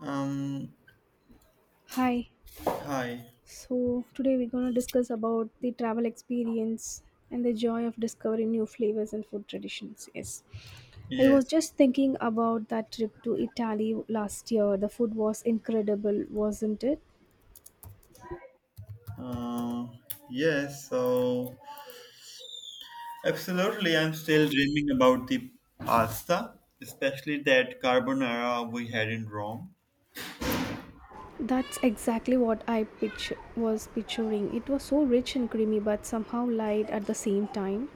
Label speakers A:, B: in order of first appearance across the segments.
A: Um,
B: Hi.
A: hi.
B: So today we're gonna discuss about the travel experience and the joy of discovering new flavors and food traditions. Yes. I was
A: Yes.
B: just thinking about that trip to Italy last year. The food was incredible, wasn't it?
A: Uh, yes. So, Absolutely, I'm still dreaming about the pasta, especially that carbonara we had in Rome.
B: That's exactly what I was picturing. It was so rich and creamy, but somehow light at the same time.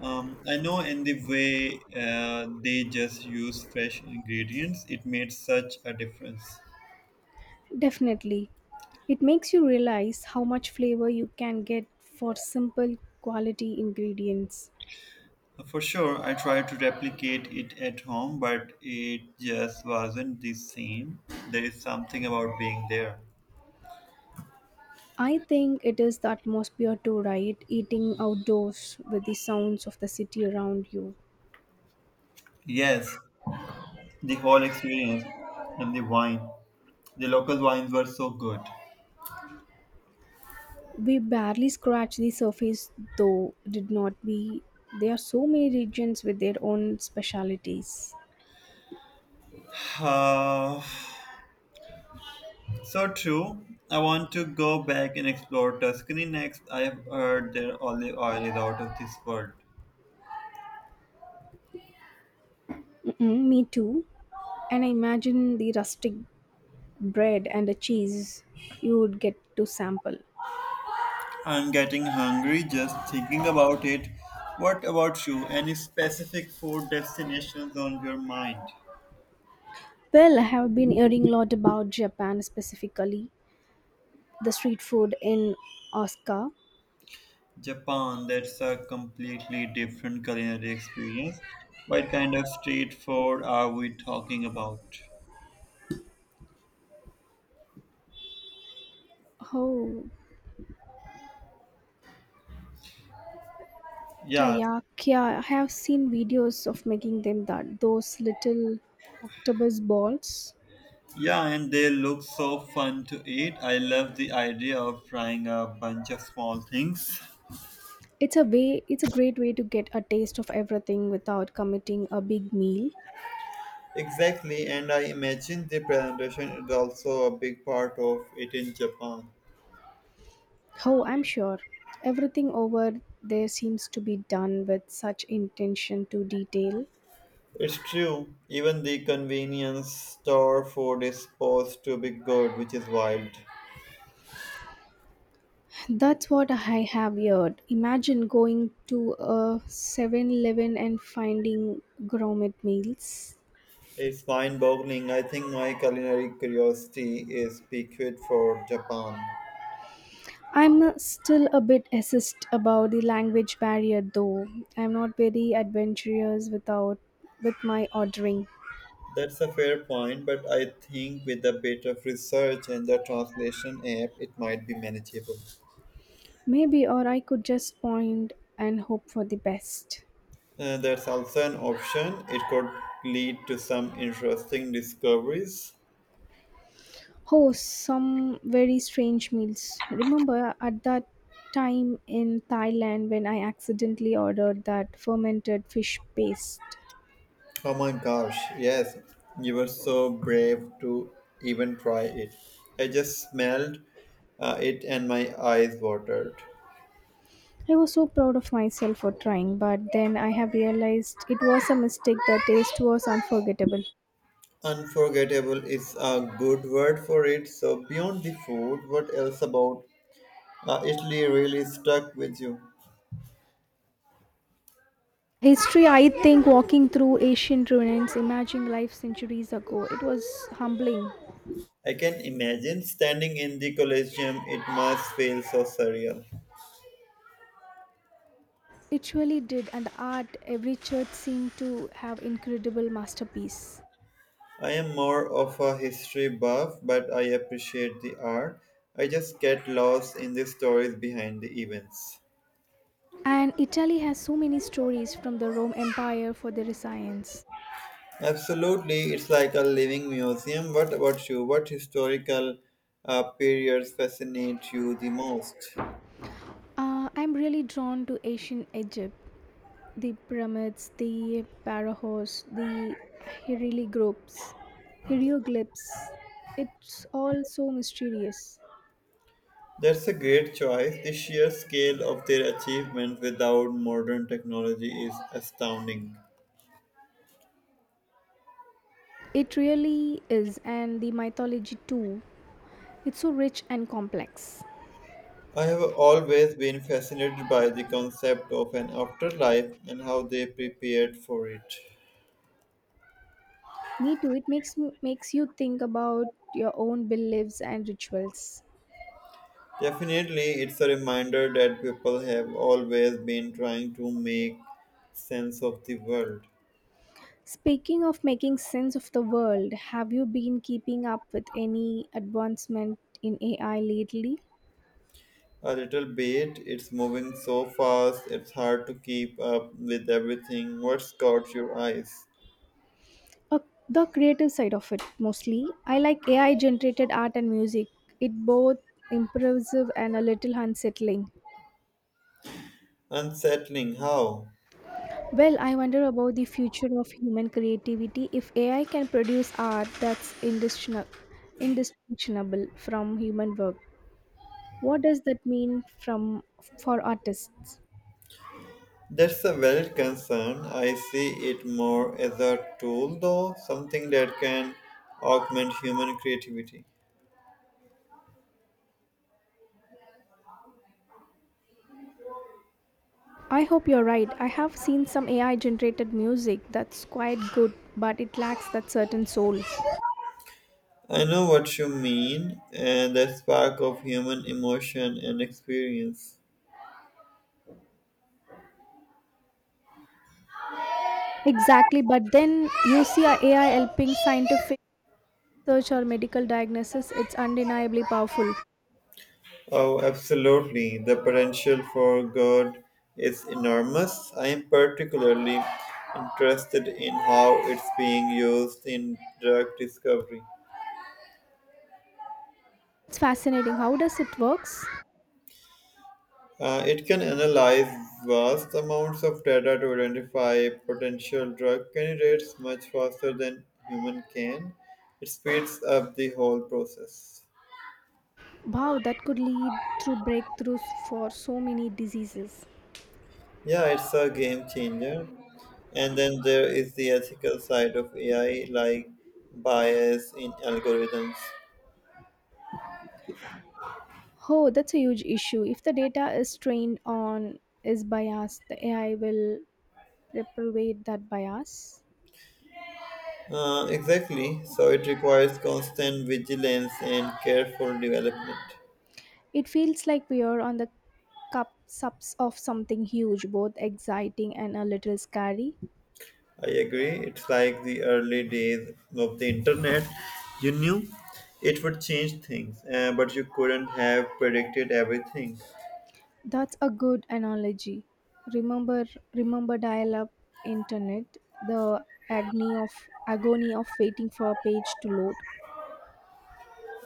A: I know in the way they just use fresh ingredients, it made such a difference.
B: Definitely. It makes you realize how much flavor you can get for simple quality ingredients.
A: For sure, I tried to replicate it at home, but it just wasn't the same. There is something about being there.
B: I think it is the atmosphere too, right? Eating outdoors with the sounds of the city around you.
A: Yes, the whole experience and the wine. The local wines were so good.
B: We barely scratch the surface though, did not we? There are so many regions with their own specialities.
A: Uh, so true. I want to go back and explore Tuscany next. I have heard their olive oil is out of this world.
B: Mm-mm, me too. And I imagine the rustic bread and the cheese you would get to sample.
A: I'm getting hungry just thinking about it. What about you? Any specific food destinations on your mind?
B: Well, I have been hearing a lot about Japan specifically, the street food in Osaka.
A: Japan, that's a completely different culinary experience. What kind of street food are we talking about?
B: Oh,
A: Yeah.
B: Taiyakya, I have seen videos of making them that those little octopus balls.
A: Yeah, and they look so fun to eat. I love the idea of frying a bunch of small things.
B: It's a great way to get a taste of everything without committing a big meal.
A: Exactly, and I imagine the presentation is also a big part of it in Japan.
B: Oh, I'm sure. Everything over there seems to be done with such intention to detail.
A: It's true, even the convenience store food is supposed to be good, which is wild.
B: That's what I have heard. Imagine going to a Seven Eleven and finding gourmet meals.
A: It's mind boggling. I think my culinary curiosity is piqued for Japan.
B: I'm still a bit assist about the language barrier though. I'm not very adventurous without with my ordering.
A: That's a fair point, but I think with a bit of research and the translation app, it might be manageable.
B: Maybe or I could just point and hope for the best.
A: That's also an option. It could lead to some interesting discoveries.
B: Oh, some very strange meals. Remember at that time in Thailand when I accidentally ordered that fermented fish paste.
A: Oh my gosh, yes, you were so brave to even try it. I just smelled it and my eyes watered.
B: I was so proud of myself for trying, but then I have realized it was a mistake. The taste was unforgettable.
A: Unforgettable is a good word for it. So, beyond the food, what else about Italy really stuck with you?
B: History, I think, walking through ancient ruins, imagining life centuries ago, it was humbling.
A: I can imagine standing in the Colosseum, it must feel so surreal.
B: It really did, and the art, every church seemed to have incredible masterpiece.
A: I am more of a history buff, but I appreciate the art. I just get lost in the stories behind the events.
B: And Italy has so many stories from the Rome Empire for their science.
A: Absolutely, it's like a living museum. What about you? What historical periods fascinate you the most?
B: I'm really drawn to ancient Egypt, the pyramids, the pharaohs, the hieroglyphs. hieroglyphs. It's all so mysterious.
A: That's a great choice. The sheer scale of their achievement without modern technology is astounding.
B: It really is, and the mythology too. It's so rich and complex.
A: I have always been fascinated by the concept of an afterlife and how they prepared for it.
B: Me too. Makes you think about your own beliefs and rituals.
A: Definitely, it's a reminder that people have always been trying to make sense of the world.
B: Speaking of making sense of the world, have you been keeping up with any advancement in AI lately?
A: A little bit, it's moving so fast, it's hard to keep up with everything. What's caught your eyes?
B: Uh, the creative side of it mostly. I like AI generated art and music. It both impressive and a little unsettling.
A: Unsettling, how?
B: Well, I wonder about the future of human creativity if AI can produce art that's indistinguishable from human work. What does that mean from for artists?
A: That's a valid concern. I see it more as a tool, though, something that can augment human creativity.
B: I hope you're right. I have seen some AI generated music that's quite good, but it lacks that certain soul.
A: I know what you mean, and the spark of human emotion and experience.
B: Exactly, but then you see a AI helping scientific research or medical diagnosis, it's undeniably powerful.
A: Oh, absolutely. The potential for good is enormous. I am particularly interested in how it's being used in drug discovery.
B: It's fascinating. How does it works?
A: It can analyze vast amounts of data to identify potential drug candidates much faster than human can. It speeds up the whole process.
B: Wow, that could lead through breakthroughs for so many diseases.
A: Yeah, it's a game changer. And then there is the ethical side of AI, like bias in algorithms.
B: Oh, that's a huge issue. If the data is trained on is biased, the AI will perpetuate that bias.
A: Exactly. So it requires constant vigilance and careful development.
B: It feels like we are on the cup subs of something huge, both exciting and a little scary.
A: I agree. It's like the early days of the internet. You knew it would change things, but you couldn't have predicted everything.
B: That's a good analogy. Remember, remember dial-up internet, the agony of waiting for a page to load.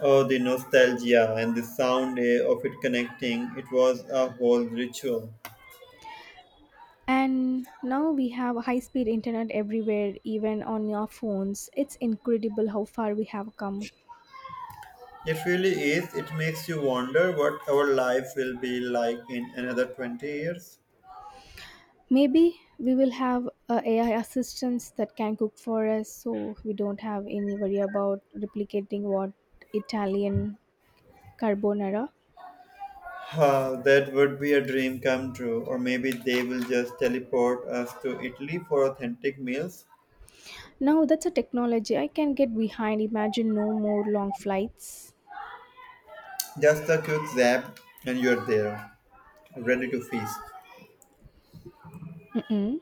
A: Oh, the nostalgia and the sound of it connecting. It was a whole ritual.
B: And now we have high speed internet everywhere, even on your phones. It's incredible how far we have come.
A: It really is. It makes you wonder what our life will be like in another 20 years.
B: Maybe we will have AI assistants that can cook for us so we don't have any worry about replicating what Italian carbonara.
A: Ah, that would be a dream come true, or maybe they will just teleport us to Italy for authentic meals.
B: Now that's a technology I can get behind. Imagine no more long flights.
A: Just a quick zap, and you're there, ready to feast.
B: Mm-mm.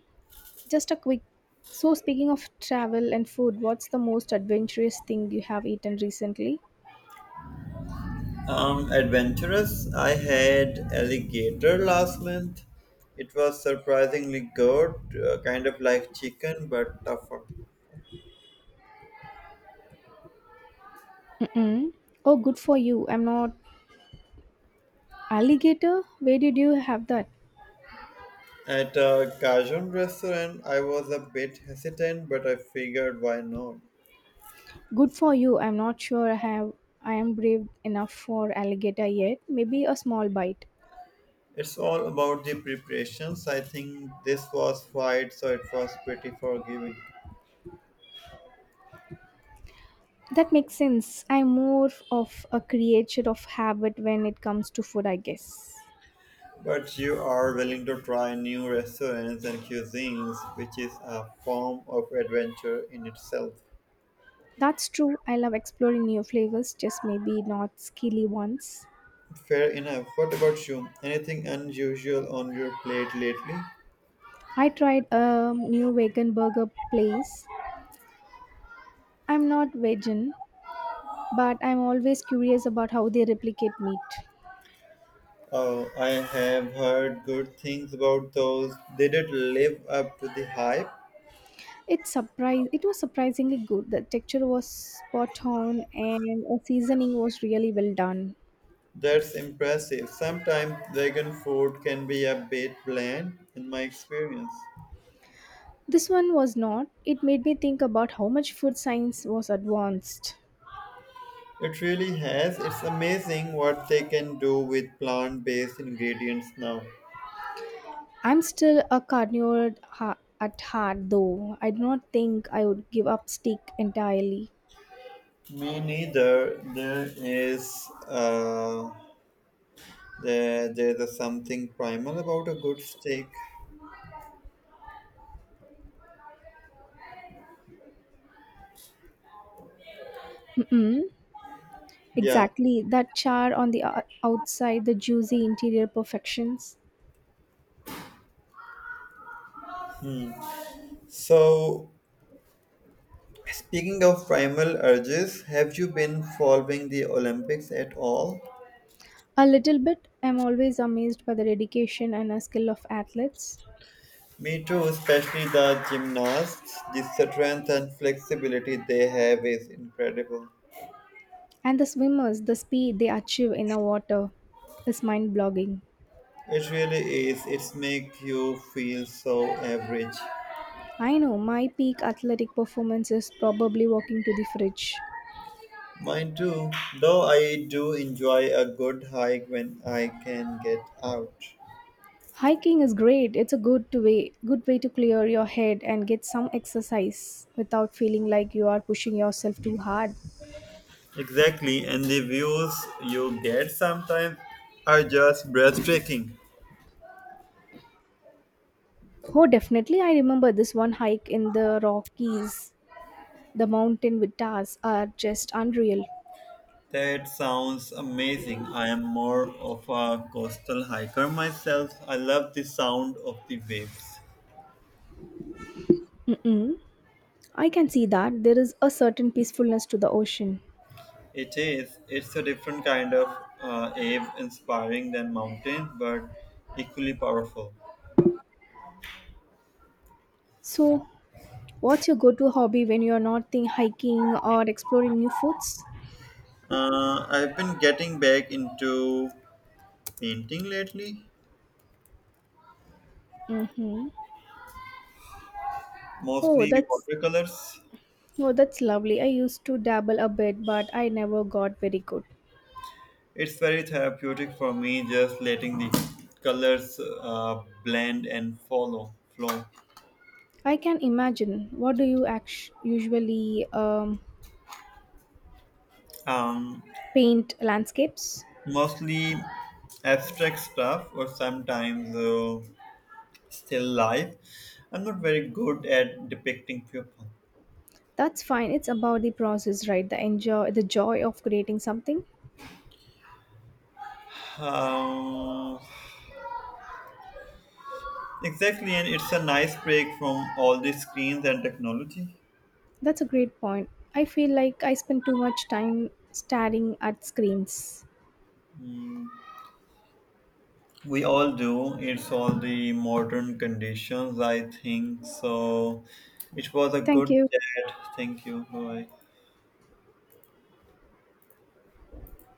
B: Just a quick. So, speaking of travel and food, what's the most adventurous thing you have eaten recently?
A: Adventurous. I had alligator last month. It was surprisingly good, kind of like chicken but tougher.
B: Mm-mm. Oh, good for you. I'm not alligator. Where did you have that?
A: At a Cajun restaurant, I was a bit hesitant, but I figured why not.
B: Good for you. I'm not sure I have. I am brave enough for alligator yet. Maybe a small bite.
A: It's all about the preparations. I think this was fried, so it was pretty forgiving.
B: That makes sense. I'm more of a creature of habit when it comes to food, I guess.
A: But you are willing to try new restaurants and cuisines, which is a form of adventure in itself.
B: That's true. I love exploring new flavors, just maybe not skilly ones.
A: Fair enough. What about you? Anything unusual on your plate lately?
B: I tried a new vegan burger place. I'm not vegan, but I'm always curious about how they replicate meat.
A: Oh, I have heard good things about those. Did it live up to the hype?
B: It surprised. It was surprisingly good. The texture was spot on, and the seasoning was really well done.
A: That's impressive. Sometimes vegan food can be a bit bland, in my experience.
B: This one was not. It made me think about how much food science was advanced.
A: It really has. It's amazing what they can do with plant based ingredients now.
B: I'm still a carnivore at heart, though. I do not think I would give up steak entirely.
A: Me neither. There is there there's a something primal about a good steak.
B: Mm-mm.
A: Yeah.
B: Exactly. That char on the outside, the juicy interior perfections.
A: So speaking of primal urges, have you been following the Olympics at all?
B: A little bit. I'm always amazed by the dedication and skill of athletes.
A: Me too, especially the gymnasts. The strength and flexibility they have is incredible.
B: And the swimmers, the speed they achieve in the water is mind blogging.
A: It really is. It's make you feel so average.
B: I know my peak athletic performance is probably walking to the fridge.
A: Mine too, though I do enjoy a good hike when I can get out.
B: Hiking is great. It's a good way to clear your head and get some exercise without feeling like you are pushing yourself too hard.
A: Exactly, and the views you get sometimes are just breathtaking.
B: Oh, definitely I remember this one hike in the Rockies. The mountain vistas are just unreal.
A: That sounds amazing. I am more of a coastal hiker myself. I love the sound of the waves.
B: Mm-mm. I can see that there is a certain peacefulness to the ocean.
A: It is. It's a different kind of awe inspiring than mountains, but equally powerful.
B: So, what's your go-to hobby when you're not think hiking or exploring new foods?
A: I've been getting back into painting lately,
B: Mm-hmm. Oh,
A: mostly
B: that's
A: watercolors.
B: oh, that's lovely. I used to dabble a bit, but I never got very good.
A: It's very therapeutic for me just letting the colors blend and follow flow.
B: I can imagine. What do you usually
A: Um,
B: paint landscapes?
A: Mostly abstract stuff or sometimes still life. I'm not very good at depicting people.
B: That's fine. It's about the process, right? The joy of creating something.
A: Um, exactly, and it's a nice break from all the screens and technology.
B: That's a great point. I feel like I spend too much time staring at screens.
A: We all do. It's all the modern conditions, I think. So it was a
B: Thank
A: good
B: you.
A: chat. Thank you. Bye.